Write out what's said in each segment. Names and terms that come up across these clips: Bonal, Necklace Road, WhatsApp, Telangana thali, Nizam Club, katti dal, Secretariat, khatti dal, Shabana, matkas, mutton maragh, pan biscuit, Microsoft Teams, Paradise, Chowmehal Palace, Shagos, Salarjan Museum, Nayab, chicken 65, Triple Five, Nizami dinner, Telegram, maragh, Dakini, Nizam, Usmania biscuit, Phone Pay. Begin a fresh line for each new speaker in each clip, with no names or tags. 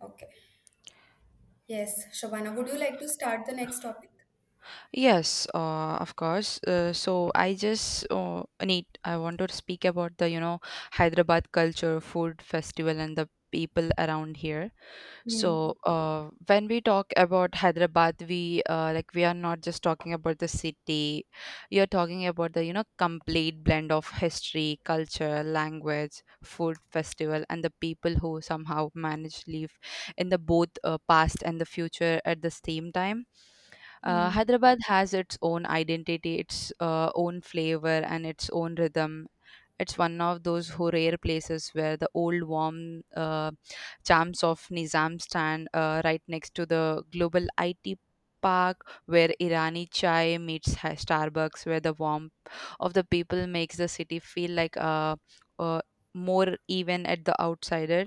Okay. Yes, Shabana, would you like to start the next topic?
Yes, of course. So I just need I want to speak about the Hyderabad culture, food festival, and the people around here.
Hmm.
So when we talk about Hyderabad, we like we are not just talking about the city. You're talking about the complete blend of history, culture, language, food, festival, and the people who somehow manage live in the both past and the future at the same time.
Hmm.
Hyderabad has its own identity, its own flavor, and its own rhythm. It's one of those who rare places where the old warm charms of Nizam stand right next to the global IT park, where Irani chai meets Starbucks, where the warmth of the people makes the city feel like uh, more even at the outsider.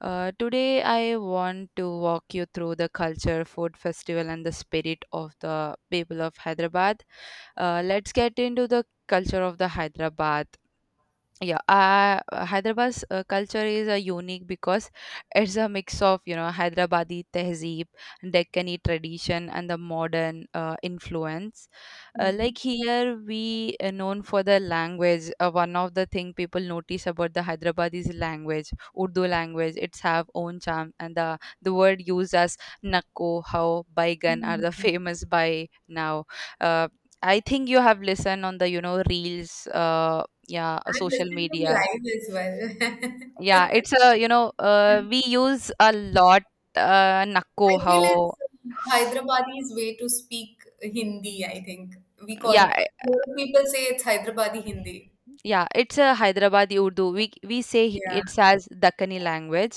Today, I want to walk you through the culture, food festival, and the spirit of the people of Hyderabad. Let's get into the culture of the Hyderabad, yeah. Hyderabad's culture is unique because it's a mix of hyderabadi tehzeeb, deccani tradition, and the modern influence.
Hmm.
Like here we are known for the language. One of the thing people notice about the hyderabadi's language, urdu language, it's have own charm, and the word used as nakko how baigan are
Hmm.
the famous by now. uh, I think you have listened on the reels, uh, yeah,
I'm
social
listening from
media.
live as well.
Yeah, it's a we use a lot nakko
I
how.
feel it's Hyderabadi's way to speak Hindi, I think. We
Yeah,
call, lot of people say it's Hyderabadi Hindi.
yeah, it's a hyderabadi urdu, we say.
Yeah,
It's as dakkani language.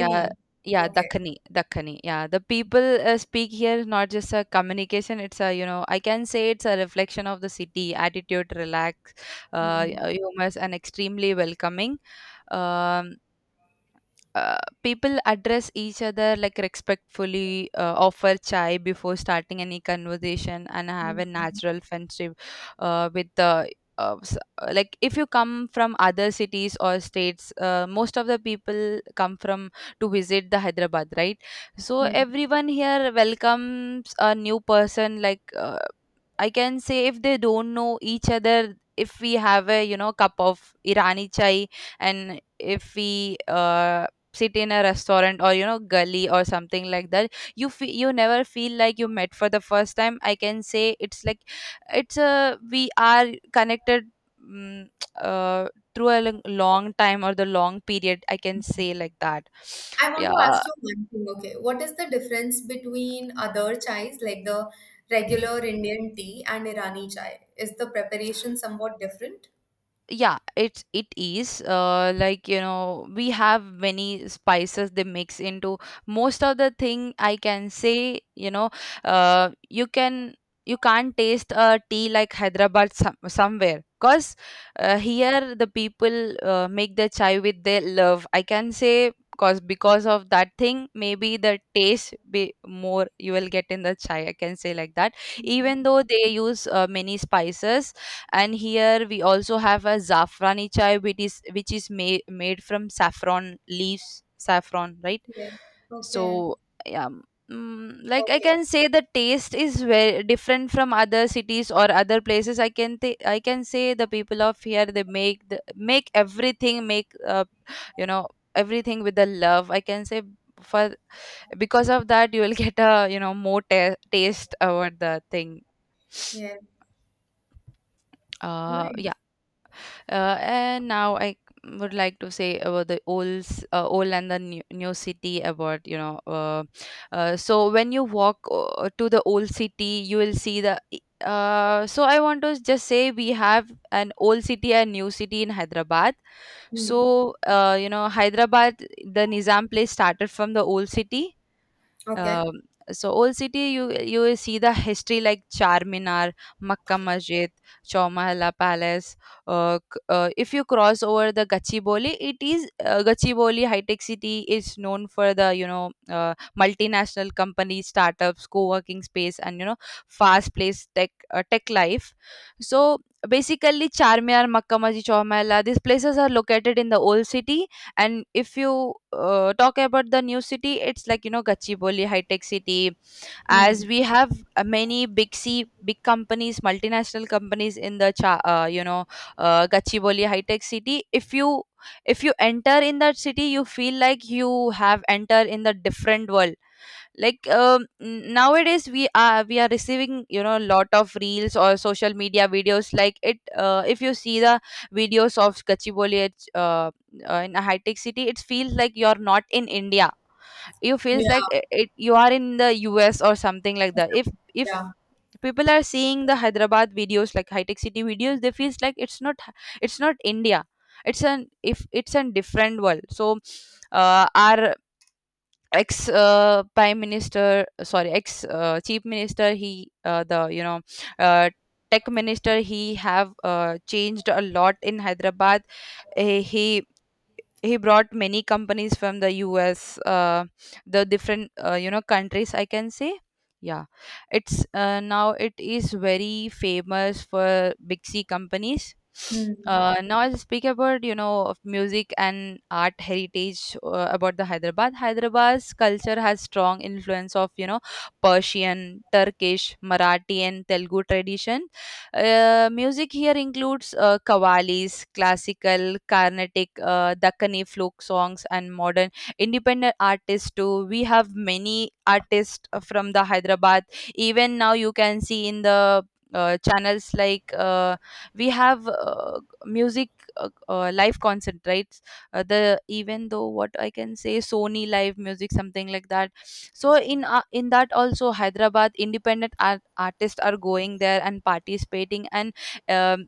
Yeah. Yeah,
Okay.
dakkani. Dakkani, yeah. The people speak here is not just a communication, it's a I can say it's a reflection of the city attitude: relax,
Hmm.
humorous, and extremely welcoming. um, uh, People address each other like respectfully, offer chai before starting any conversation, and have a natural friendship uh, with the like if you come from other cities or states, most of the people come from to visit the Hyderabad, right? So
Hmm.
everyone here welcomes a new person like I can say. If they don't know each other, if we have a cup of Irani chai, and if we sit in a restaurant or gully or something like that, you you never feel like you met for the first time. I can say it's like it's a we are connected. mm, uh, Through a long time or the long period, I can say like that.
I want to
Yeah.
ask you one thing, okay? What is the difference between other chais, like the regular Indian tea and Irani chai? Is the preparation somewhat different?
Yeah, it is like we have many spices they mix into most of the thing, I can say. You can, you can't taste a tea like Hyderabad somewhere, because here the people make the chai with their love, I can say. Because of that thing, maybe the taste be more you will get in the chai, I can say like that.
Mhm.
Even though they use many spices, and here we also have a zafrani chai, which is made from saffron leaves, saffron, right?
Okay, okay,
So yeah. Like I
okay.
can say the taste is very different from other cities or other places. I can I can say the people of here, they make the make everything, make you know everything with the love, I can say, for, because of that you will get a more taste over the thing.
Yeah, nice.
Yeah. And now I would like to say about the old and the new city, about so when you walk to the old city, you will see so I want to just say we have an old city and new city in Hyderabad.
Hmm.
So Hyderabad, the Nizam place started from the old city,
Okay.
um, so old city, you will see the history like Charminar, Makkah Masjid, Chowmahalla Palace. If you cross over the Gachibowli, it is Gachibowli High Tech City, is known for the multinational companies, startups, co-working space, and fast paced tech life. So basically, Charminar, Makkah Masjid, Chowmahalla, these places are located in the old city, and if you talk about the new city, it's like Gachibowli High Tech City,
Hmm.
as we have many big companies, multinational companies in the Gachibowli High Tech City. If you, if you enter in that city, you feel like you have entered in the different world. Like nowadays we are receiving a lot of reels or social media videos like it. If you see the videos of Gachibowli in a high tech city, it feels like you're not in India. You feels like
Yeah,
it you are in the US or something like that. If
yeah.
people are seeing the Hyderabad videos like high tech city videos, they feels like it's not, it's not India, it's an if it's a different world. So our ex prime minister sorry, ex chief minister, he the you know uh, tech minister, he have changed a lot in Hyderabad. he, he he brought many companies from the US, the different countries, I can say. Yeah, it's now it is very famous for big C companies.
Hmm.
Now I'll speak about of music and art heritage about the Hyderabad. Hyderabad's culture has strong influence of Persian, Turkish, Marathi, and Telugu tradition. Music here includes qawwalis, classical, Carnatic, Dakkani folk songs, and modern independent artists too. We have many artists from the Hyderabad. Even now, you can see in the channels like we have music, live concert, right? The Even though what I can say, Sony Live music, something like that. So in that also Hyderabad independent artists are going there and participating, and um,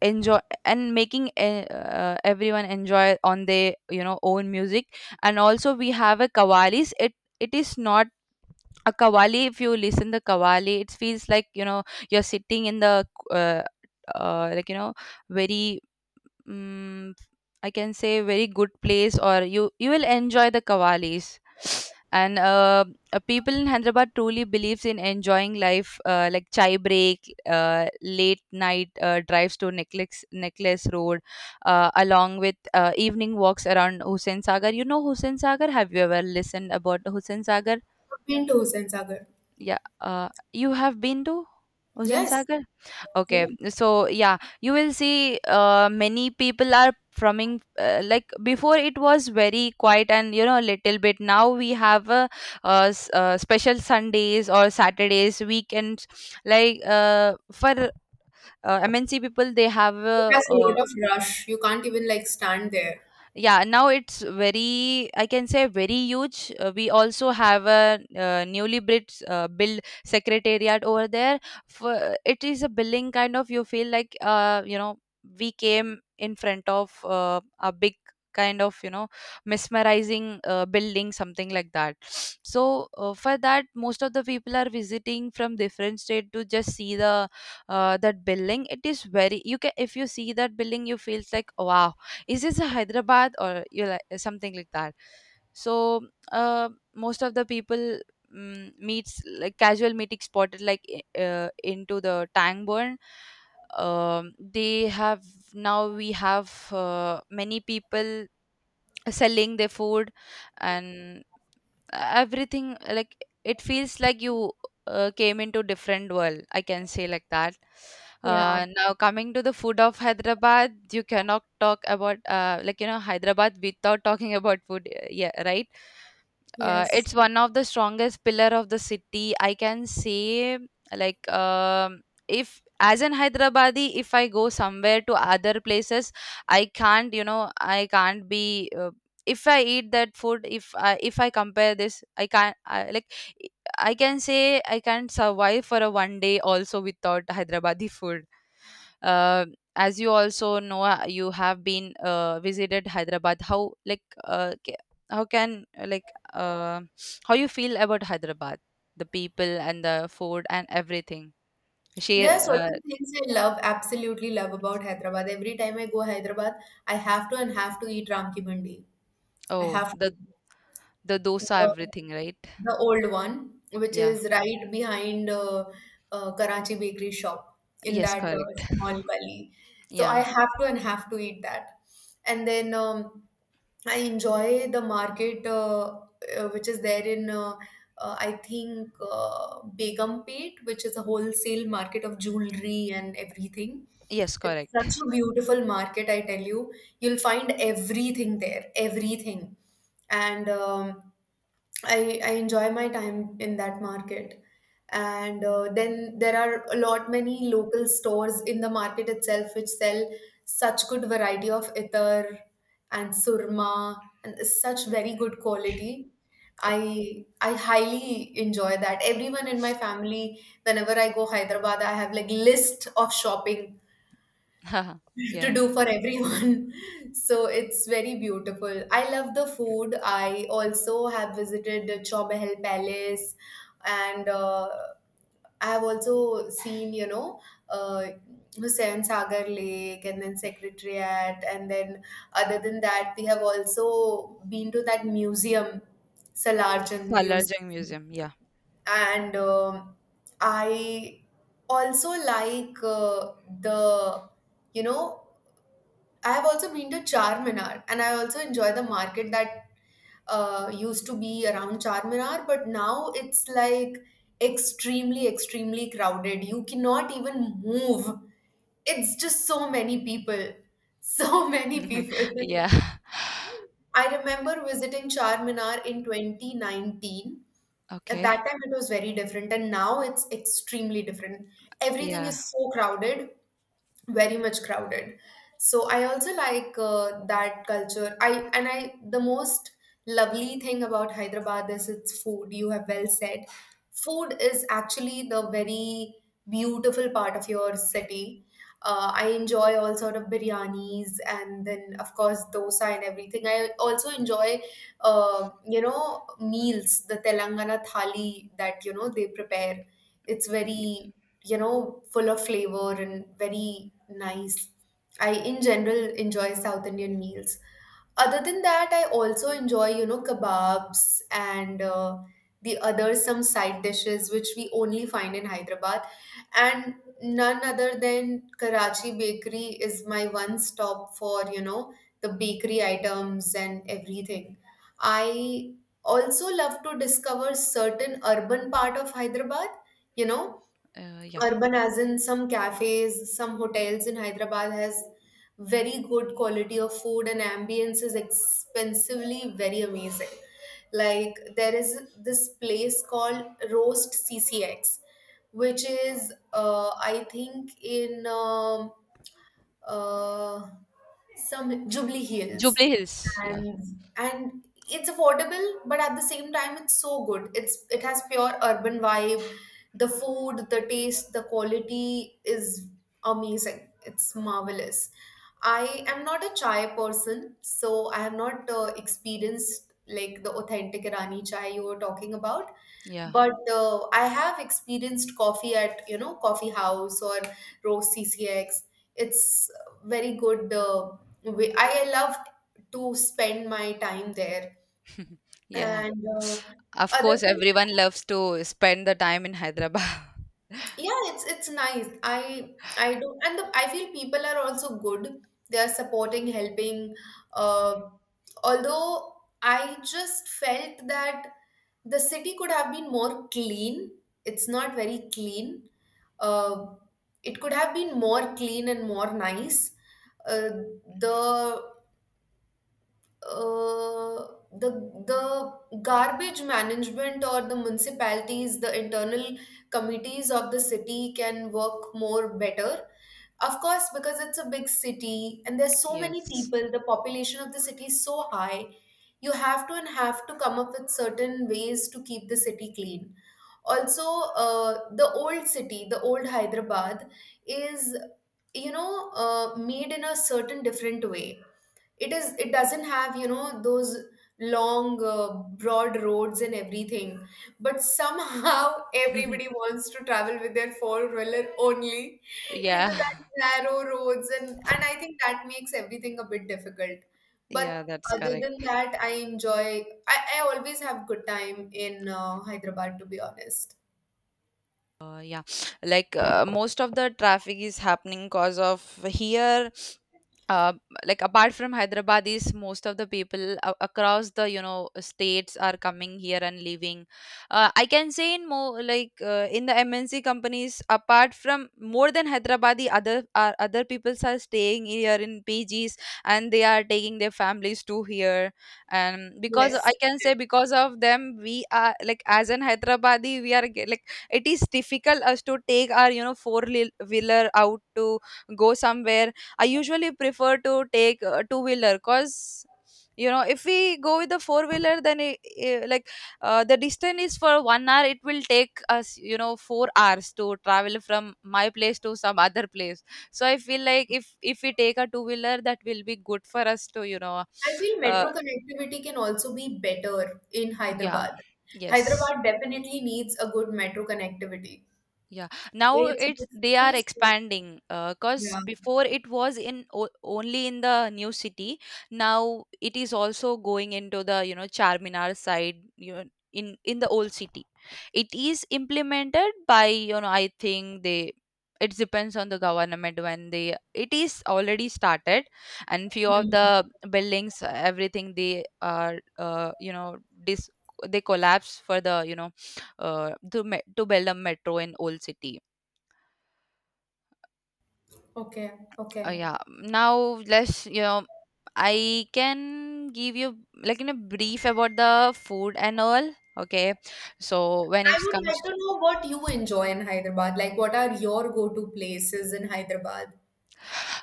enjoy, and making everyone enjoy on their own music. And also we have a kawalis. It is not, a kawali, if you listen the kawali, it feels like you're sitting in the uh, uh, like you know very, mm, I can say very good place, or you will enjoy the kavalis. And people in Hyderabad truly believes in enjoying life, like chai break, late night drives to Necklace Road, along with evening walks around Hussain Sagar. You know Hussain Sagar? Have you ever listened about Hussain Sagar?
Pintos and Sagar.
Yeah, you have been to Hussain
Yes.
Sagar? Okay,
Yeah.
so yeah, you will see many people are from like before it was very quiet and a little bit. Now we have a, special Sundays or Saturdays, weekends, like for MNC people, they have
It
a,
has a lot of rush. You can't even like stand there.
yeah, now it's very, I can say very huge. We also have a newly built build secretariat over there. For, it is a building kind of, you feel like we came in front of a big, kind of mesmerizing building, something like that. So for that most of the people are visiting from different state to just see the that building. It is very, you can, if you see that building you feels like wow, is this a Hyderabad or you like something like that. So most of the people meets like casual meeting spotted like into the tang burn. They have Now we have many people selling their food and everything like it feels like you came into different world, I can say like that.
Yeah.
Now coming to the food of Hyderabad, you cannot talk about Hyderabad without talking about food. Yeah, right.
Yes.
It's one of the strongest pillar of the city, I can say. Like if as an hyderabadi if I go somewhere to other places, I can't, I can't be if I eat that food, if I, if I compare this, I can't, like I can say I can't survive for a one day also without hyderabadi food. uh, as you also know, you have been visited Hyderabad, how like ca- how can like how you feel about Hyderabad, the people and the food and everything. Share.
There are
uh,
certain things I love, absolutely love about Hyderabad. Every time I go Hyderabad, I have to and have to eat Ramki Mandi. I
oh,
have
the
to.
the dosa,
The
everything, right?
the old one, which
Yeah.
is right behind Karachi Bakery shop in
Yes,
that
correct.
small gully. So I
Yeah.
have to and have to eat that. And then I enjoy the market which is there in, I think, Begumpet, which is a wholesale market of jewelry and everything.
Yes,
It's
correct.
such a beautiful market, I tell you, you'll find everything there, everything. And I enjoy my time in that market, and then there are a lot many local stores in the market itself which sell such good variety of itar and surma and such very good quality. I highly enjoy that. Everyone in my family, whenever I go Hyderabad, I have like list of shopping to
Yeah.
do for everyone. So it's very beautiful. I love the food. I also have visited the Chowmehal Palace, and I have also seen, you know, uh, Hussain Sagar Lake and then Secretariat. And then, other than that, we have also been to that museum, Salarjan Museum.
Salarjung Museum, yeah.
And um, I also like the, you know, I have also been to Charminar, and I also enjoy the market that used to be around Charminar, but now it's like extremely, extremely crowded. You cannot even move. It's just so many people. So many people.
Yeah.
I remember visiting Charminar in 2019. At
Okay.
that time, it was very different, and now it's extremely different. Everything
Yeah.
is so crowded, very much crowded. So I also like that culture. I, and I, the most lovely thing about Hyderabad is its food. You have well said food is actually the very beautiful part of your city. I enjoy all sort of biryanis and then of course dosa and everything. I also enjoy you know, meals, the Telangana thali that you know they prepare. It's very, you know, full of flavor and very nice. I in general enjoy South Indian meals. Other than that, I also enjoy, you know, kebabs and the other some side dishes which we only find in Hyderabad, and none other than Karachi Bakery is my one stop for, you know, the bakery items and everything. I also love to discover certain urban part of Hyderabad, you know,
Yeah.
urban as in some cafes, some hotels in Hyderabad has very good quality of food, and ambience is expensively very amazing. Like, there is this place called Roast CCX, which is I think in uh, some Jubilee Hills,
Jubilee Hills. Yeah.
and and it's affordable, but at the same time it's so good. It's, it has pure urban vibe. The food, the taste, the quality is amazing. It's marvelous. I am not a chai person, so I have not experienced like the authentic Irani chai you were talking about,
Yeah.
but I have experienced coffee at, you know, coffee house or Roast CCX. It's very good way. I love to spend my time there,
Yeah.
and
Of
other,
course, everyone loves to spend the time in Hyderabad.
yeah, it's nice. I do, and the, I feel people are also good. They are supporting, helping, uh, although I just felt that the city could have been more clean. It's not very clean. uh, it could have been more clean and more nice. uh, the uh, the the garbage management or the municipalities, the internal committees of the city can work more better. Of course, because it's a big city and there's so many
Yes.
people, the population of the city is so high, you have to and have to come up with certain ways to keep the city clean. Also, the old city, the old Hyderabad, is, you know, made in a certain different way. It is, it doesn't have, you know, those long broad roads and everything, but somehow everybody wants to travel with their four wheeler only
Yeah.
into that narrow roads, and I think that makes everything a bit difficult. But
Yeah, that's
other
correct.
than that, I enjoy, I always have good time in Hyderabad, to be honest.
Uh, yeah, like most of the traffic is happening because of here. Uh, like apart from Hyderabad, is most of the people across the you know states are coming here and leaving. I can say in more like in the MNC companies, apart from more than Hyderabad, the other peoples are staying here in PGs and they are taking their families to here, and because I
Yes.
can say because of them we are like as an Hyderabadi we are like it is difficult us to take our you know four wheeler out to go somewhere. I usually prefer to take two wheeler cuz you know if we go with the four wheeler then it- like the distance is for 1 hour, it will take us you know 4 hours to travel from my place to some other place. So I feel like if we take a two wheeler that will be good for us to you know
I feel
uh,
metro connectivity can also be better in
yeah,
Hyderabad.
yes.
Hyderabad definitely needs a good metro connectivity.
Yeah, now
It's a
it's
big
they are
city, so
expanding. Because
yeah.
before it was in o only in the new city. Now it is also going into the, you know, Charminar side, you know, in the old city. It is implemented by, you know, I think they it depends on the government when they it is already started, and few of
Hmm.
the buildings everything they are you know dis they collapse for the you know the me- to Belem Metro in Old City.
Okay, okay.
Yeah. Now let's you know I can give you like in a brief about the food and all. Okay. So when
I
it
would like
comes
to
to
know what you enjoy in Hyderabad. Like, what are your go-to places in Hyderabad?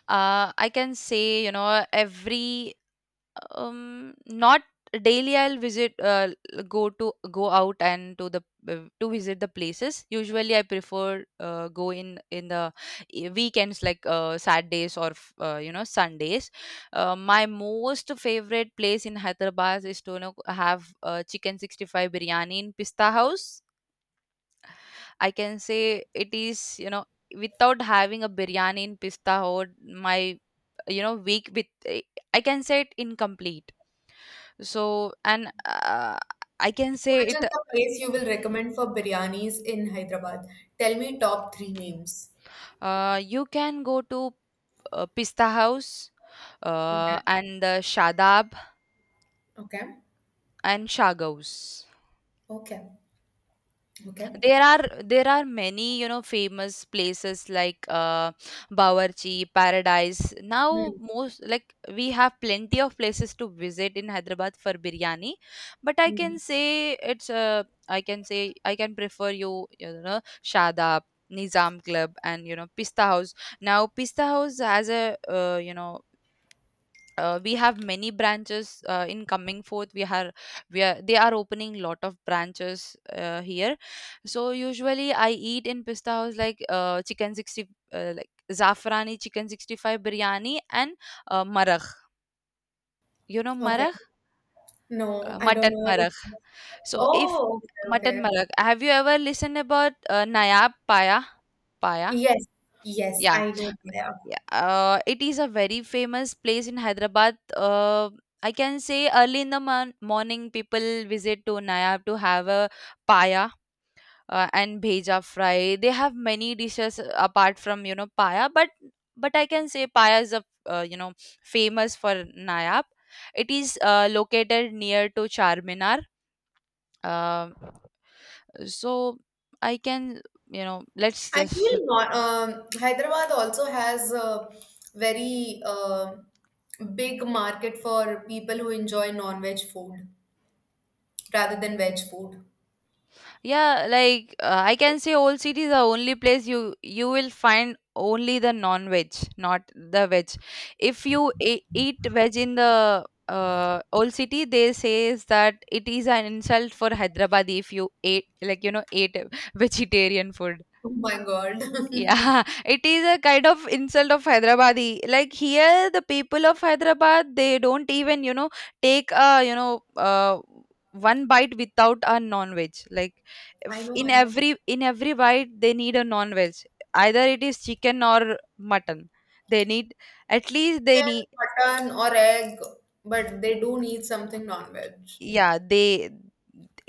I can say you know every not daily I'll visit go to go out and to the to visit the places. Usually I prefer go in the weekends like saturdays or you know sundays. My most favorite place in Hyderabad is to you know, have chicken 65 biryani in Pista House. I can say it is, you know, without having a biryani in Pista Hut, my, you know, week with, eh, I can say it incomplete. So, and I can
So,
say
which
it,
is the place you will recommend for biryanis in Hyderabad? Tell me top three names.
you can go to Pista House
Okay,
and the Shadab
okay,
and Shagos.
okay, okay.
There are many you know famous places like Bawarchi, Paradise. Now
Hmm.
most like we have plenty of places to visit in Hyderabad for biryani, but I
Hmm.
can say it's I can say I can prefer you you know Shadab. Nizam Club and you know Pista House. Now Pista House has a you know we have many branches in coming forth we are they are opening lot of branches here. So usually I eat in Pista House like chicken 60 like zafrani chicken 65 biryani and maragh, you know
Okay.
maragh,
No, I don't
mutton
know what is.
maragh. So if
Oh, okay,
mutton
okay.
maragh, have you ever listened about nayab paya, paya?
Yes, yes,
Yeah.
I know Gaya.
Yeah, it is a very famous place in Hyderabad. I can say early in the morning, people visit to Nayab to have a paya and bheja fry. They have many dishes apart from you know paya, but I can say paya is a you know famous for Nayab. It is located near to Charminar. Uh, so I can you know let's
I
just.
feel not. Hyderabad also has a very big market for people who enjoy non-veg food rather than veg food.
Yeah, like I can say old city is the only place you you will find only the non-veg, not the veg. If you eat veg in the old city, they says that it is an insult for Hyderabad if you ate like you know ate vegetarian food.
Oh my God.
Yeah, it is a kind of insult of Hyderabadi. Like here, the people of Hyderabad, they don't even, you know, take a, you know, one bite without a non-veg. Like
I
if
know,
in
I know.
every in every bite, they need a non-veg. Either it is chicken or mutton. They need at least they
Chicken,
need.
mutton, or egg, but they do need something non-veg.
Yeah, they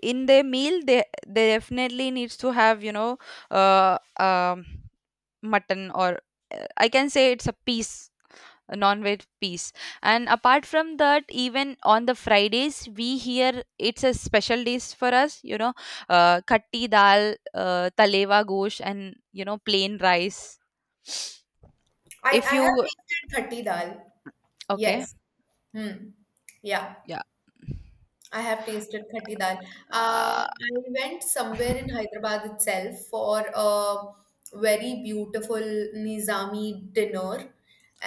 in their meal they definitely needs to have, you know, uh, um, mutton or I can say it's a piece, non-veg piece. And apart from that, even on the fridays we here it's a special days for us, you know, katti dal, talewa gosh, and you know plain rice. If
I have
you
tasted khatti dal.
okay,
Yes. Hmm. Yeah.
yeah,
I have tasted khatti dal.
uh,
I went somewhere in Hyderabad itself for a very beautiful Nizami dinner,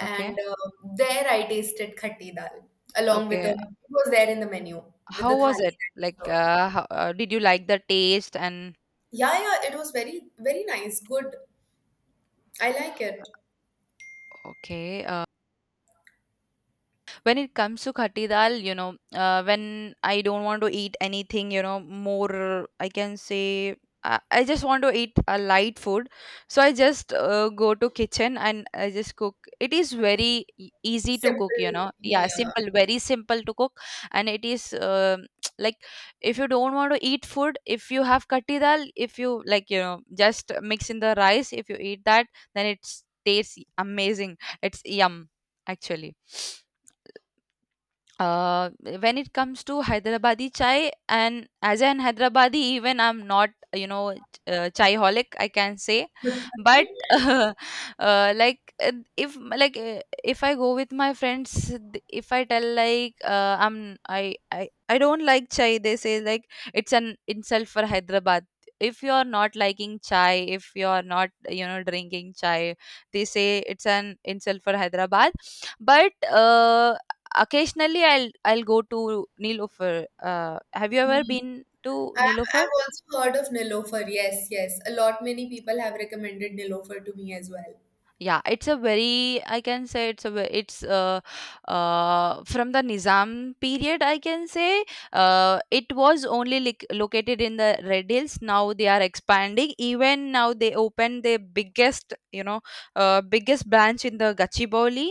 okay,
there I tasted khatti dal along with the,
okay.
it was there in the menu with
How
the
was
thali
it
that
like
was served.
how, did you like the taste and
Yeah, yeah, it was very very nice, good. I like it.
okay? When it comes to khatti dal, you know, when I don't want to eat anything, you know, more I can say, I just want to eat a light food, so I just go to kitchen and I just cook. It is very easy to cook,
Simple,
you know. Yeah,
yeah.
simple, very simple to cook, and it is like if you don't want to eat food, if you have khatti dal, if you like, you know, just mix in the rice. If you eat that, then it tastes amazing. It's yum, actually. uh, when it comes to Hyderabadi chai, and as an Hyderabadi, even I'm not, you know, chai holic, I can say, but like if I go with my friends, if I tell like I'm I don't like chai, they say like it's an insult for Hyderabad. If you are not liking chai, if you are not you know drinking chai, they say it's an insult for Hyderabad, but occasionally, I'll go to Nilofer. Have you ever
Mm.
been to Nilofer?
I've also heard of Nilofer. Yes, yes. A lot many people have recommended Nilofer to me as well.
Yeah, it's a very I can say it's a ve- it's from the Nizam period I can say, it was only lic located in the Red Hills. Now they are expanding. Even now they opened the biggest you know biggest branch in the Gachibowli,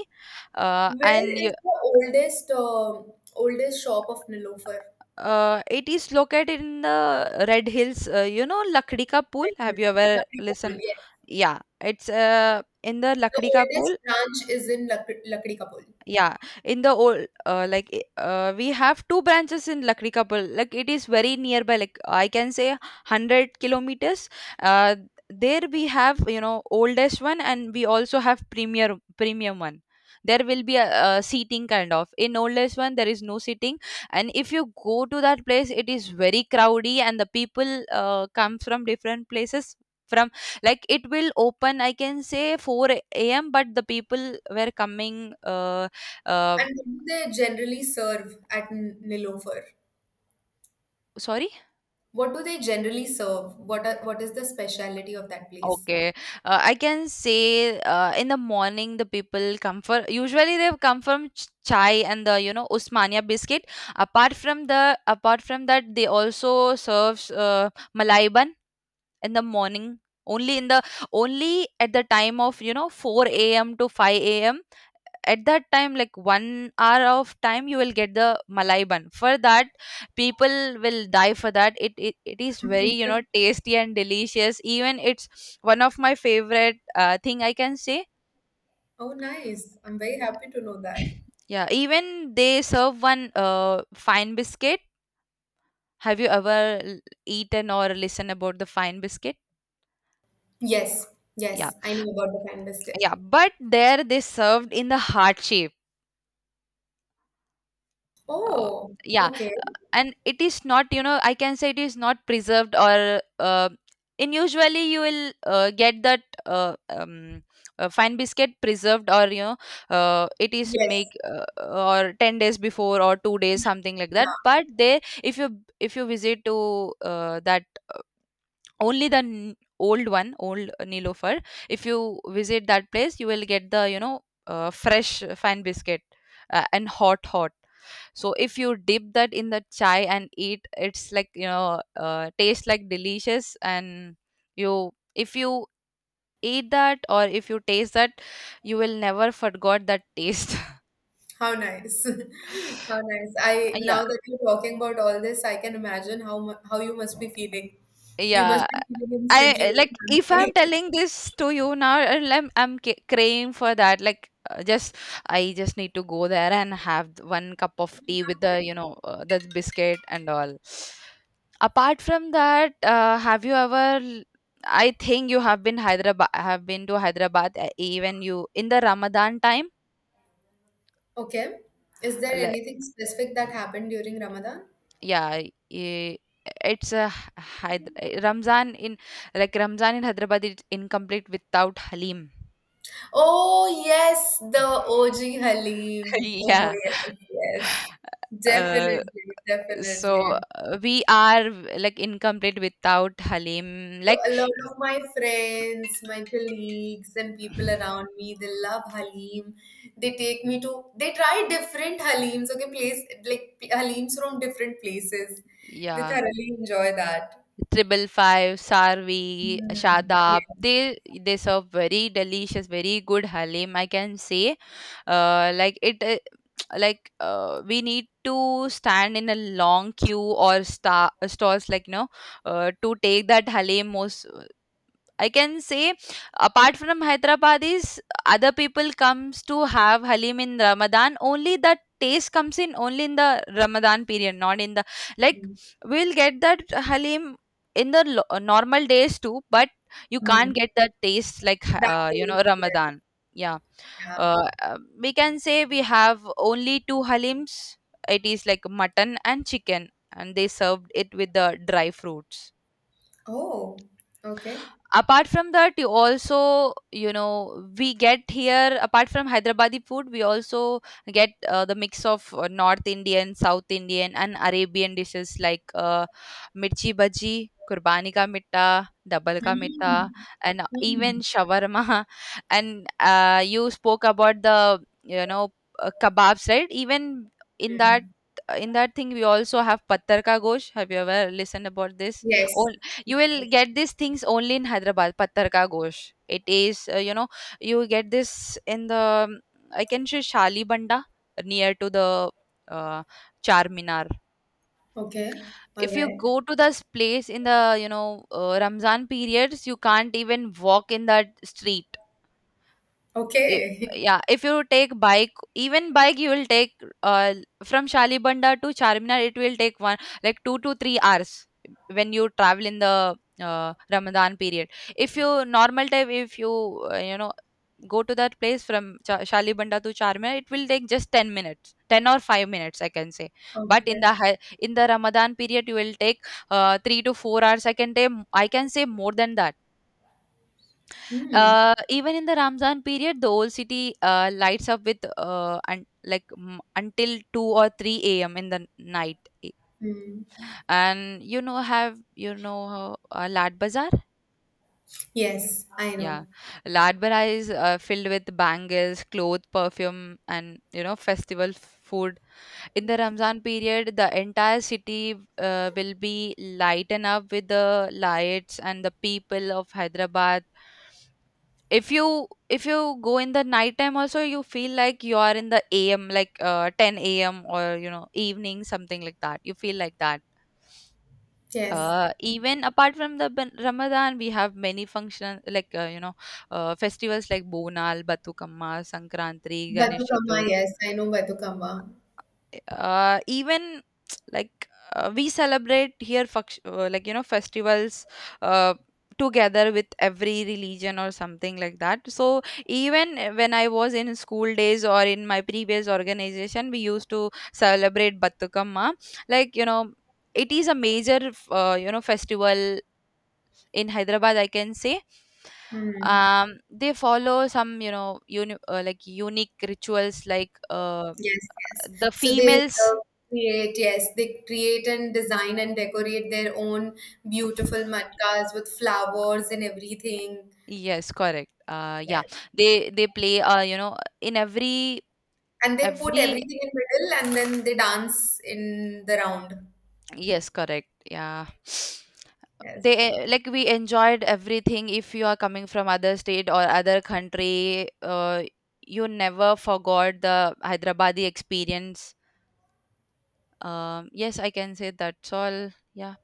and
Where is the oldest, um, oldest shop of Nilofer?
It is located in the Red Hills. You know Lakdi Ka Pool.
Right now?
Have you ever
Lakdi Kapul,
listened?
yes.
Yeah, it's in the
The
Lakdi Ka Pool.
oldest branch is in Lak Lakdi Kapul.
Yeah, in the old, we have two branches in Lakdi Kapil. Like it is very nearby. Like I can say 100 kilometers. Uh, there we have you know oldest one, and we also have premier premium one. There will be a seating kind of. In oldest one, there is no seating, and if you go to that place, it is very crowdy, and the people come from different places. From like it will open, I can say 4 a.m. But the people were coming um,
And what do they generally serve at N- Nilofer?
sorry?
What do they generally serve? What are, what is the speciality of that place?
Okay. I can say in the morning the people come for usually they come from chai and the you know Usmania biscuit. Apart from that they also serves malai bun in the morning. Only in the only at the time of you know 4 a.m. to 5 a.m, at that time like 1 hour of time you will get the malai bun. For that people will die for that. It is very you know tasty and delicious, even it's one of my favorite thing I can say.
Oh, nice. I'm very happy to know that.
Yeah, even they serve one fine biscuit. Have you ever eaten or listened about the fine biscuit?
Yes,
Yeah,
yes, I know about the pan biscuit.
yeah, but there they served in the heart shape. uh,
Oh,
yeah.
okay.
And it is not you know I can say it is not preserved or in usually you will get that fine biscuit preserved or you know it is make
Yes.
or 10 days before or 2 days something like that. But they, if you, if you visit to that, only the old one, old Nilofer. If you visit that place, you will get the you know fresh fan biscuit, and hot hot. So if you dip that in the chai and eat, it's like you know tastes like delicious. And you, if you eat that or if you taste that, you will never forgot that taste.
How nice. How nice. I now that you're talking about all this, I can imagine how mu- how you must be feeling. You
Yeah,
must be feeling instantly
I
very
like if
hungry.
I'm telling this to you now, and I'm craving for that. Like, just I just need to go there and have one cup of tea with the you know the biscuit and all. Apart from that, have you ever? I think you have been Hyderabad. Have been to Hyderabad even you in the Ramadan time.
Okay. Is there
Like,
anything specific that happened during Ramadan?
yeah, i- it's a Hyder- Ramzan in Ramzan in Hyderabad is incomplete without Halim.
Oh yes, the OG Halim. Oh
Yeah.
yes, yes.
Uh,
Definitely,
so
definitely.
we are like incomplete without Halim.
So
Like,
a lot of my friends, my colleagues, and people around me, they love Halim. They take me to, they try different Halims, okay, place like p- Halims from different places. They
yeah,
thoroughly enjoy that.
Triple Five, Sarvi,
Mm,
Shadab.
yeah.
They serve very delicious, very good Halim. I can say. Like it. Like, we need to stand in a long queue or star stores like to take that Halim. Most, I can say, apart from Hyderabadis, other people comes to have Halim in Ramadan. Only that taste comes in only in the Ramadan period, not in the, like,
Mm,
we'll get that Halim in the normal days too, but you can't
mm.
get that taste like
That
you
is,
know
yes,
Ramadan. Yeah.
yeah.
We can say we have only two Halims. It is like mutton and chicken, and they served it with the dry fruits.
Oh, okay.
Apart from that, you also, we get here. Apart from Hyderabadi food, we also get the mix of North Indian, South Indian, and Arabian dishes like Mirchi Bhaji, Kurbani Ka Mitta, Double Ka Mitta,
Mm,
and even
mm,
shawarma and you spoke about the, you know kebabs, right? Even in that
mm.
in that thing we also have Pattar Ka Gosh. Have you ever listened about this?
Yes.
You will
Yes.
get these things only in Hyderabad. Pattar Ka Gosh, it is, you get this in the, I can say, Shali Banda, near to the uh, Charminar.
Okay. All
If you
right.
go to this place in the, Ramzan periods, you can't even walk in that street. I-
Okay.
yeah, if you take bike, even bike you will take uh, from Shalibanda to Charminar, it will take one like 2 to 3 hours when you travel in the Ramadan period. If you Normal time, if you, you know go to that place from Shalibanda to Charminar, it will take just 10 minutes, 10 or 5 minutes, I can say. But in
Okay.
the hi- in the Ramadan period you will take 3 to 4 hours, I can say, more than that.
Hmm.
Even in the Ramzan period, the old city lights up with until 2 or 3 a.m. in the night. E,
Hmm.
And, you know how, Lad Bazaar?
Yes, I
Yeah.
know.
Lad Bazaar is filled with bangles, clothes, perfume, and, festival food. In the Ramzan period, the entire city will be lightened up with the lights and the people of Hyderabad. If you go in the night time also, you feel like you are in the am, like 10 a.m. or, evening, something like that. You feel like that.
Yes.
Even apart from the Ramadan, we have many functions like, festivals like Bonal, Batukamma, Sankranti, Ganesh
Batukamma,
Chaturthi.
yes, I know Batukamma.
Even like, we celebrate here like, festivals uh, together with every religion or something like that. So even when I was in school days or in my previous organization, we used to celebrate Batukamma, like, it is a major festival in Hyderabad, I can say.
Hmm.
um they follow some, like, unique rituals like
Yes, yes.
the
So they
females.
create, yes, they create and design and decorate their own beautiful matkas with flowers and everything.
Yes, correct. Yeah,
Yes.
they play. In every,
And they put
every.
everything in middle and then they dance in the round.
Yes, correct. Yeah,
Yes.
they, like, we enjoyed everything. If you are coming from other state or other country, you never forgot the Hyderabadi experience. Yes, I can say that's all. Yeah,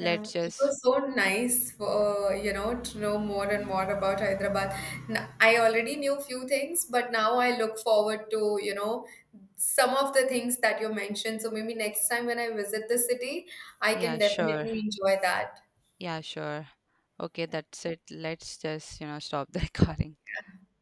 Yeah, it
just
was so nice for, you know, to know more and more about Hyderabad. N- I already knew few things, but now I look forward to, you know, some of the things that you mentioned. So maybe next time when I visit the city, I
yeah,
can
sure.
definitely enjoy that.
Yeah, sure. Okay, that's it. Let's just stop the
So,
recording.
yeah.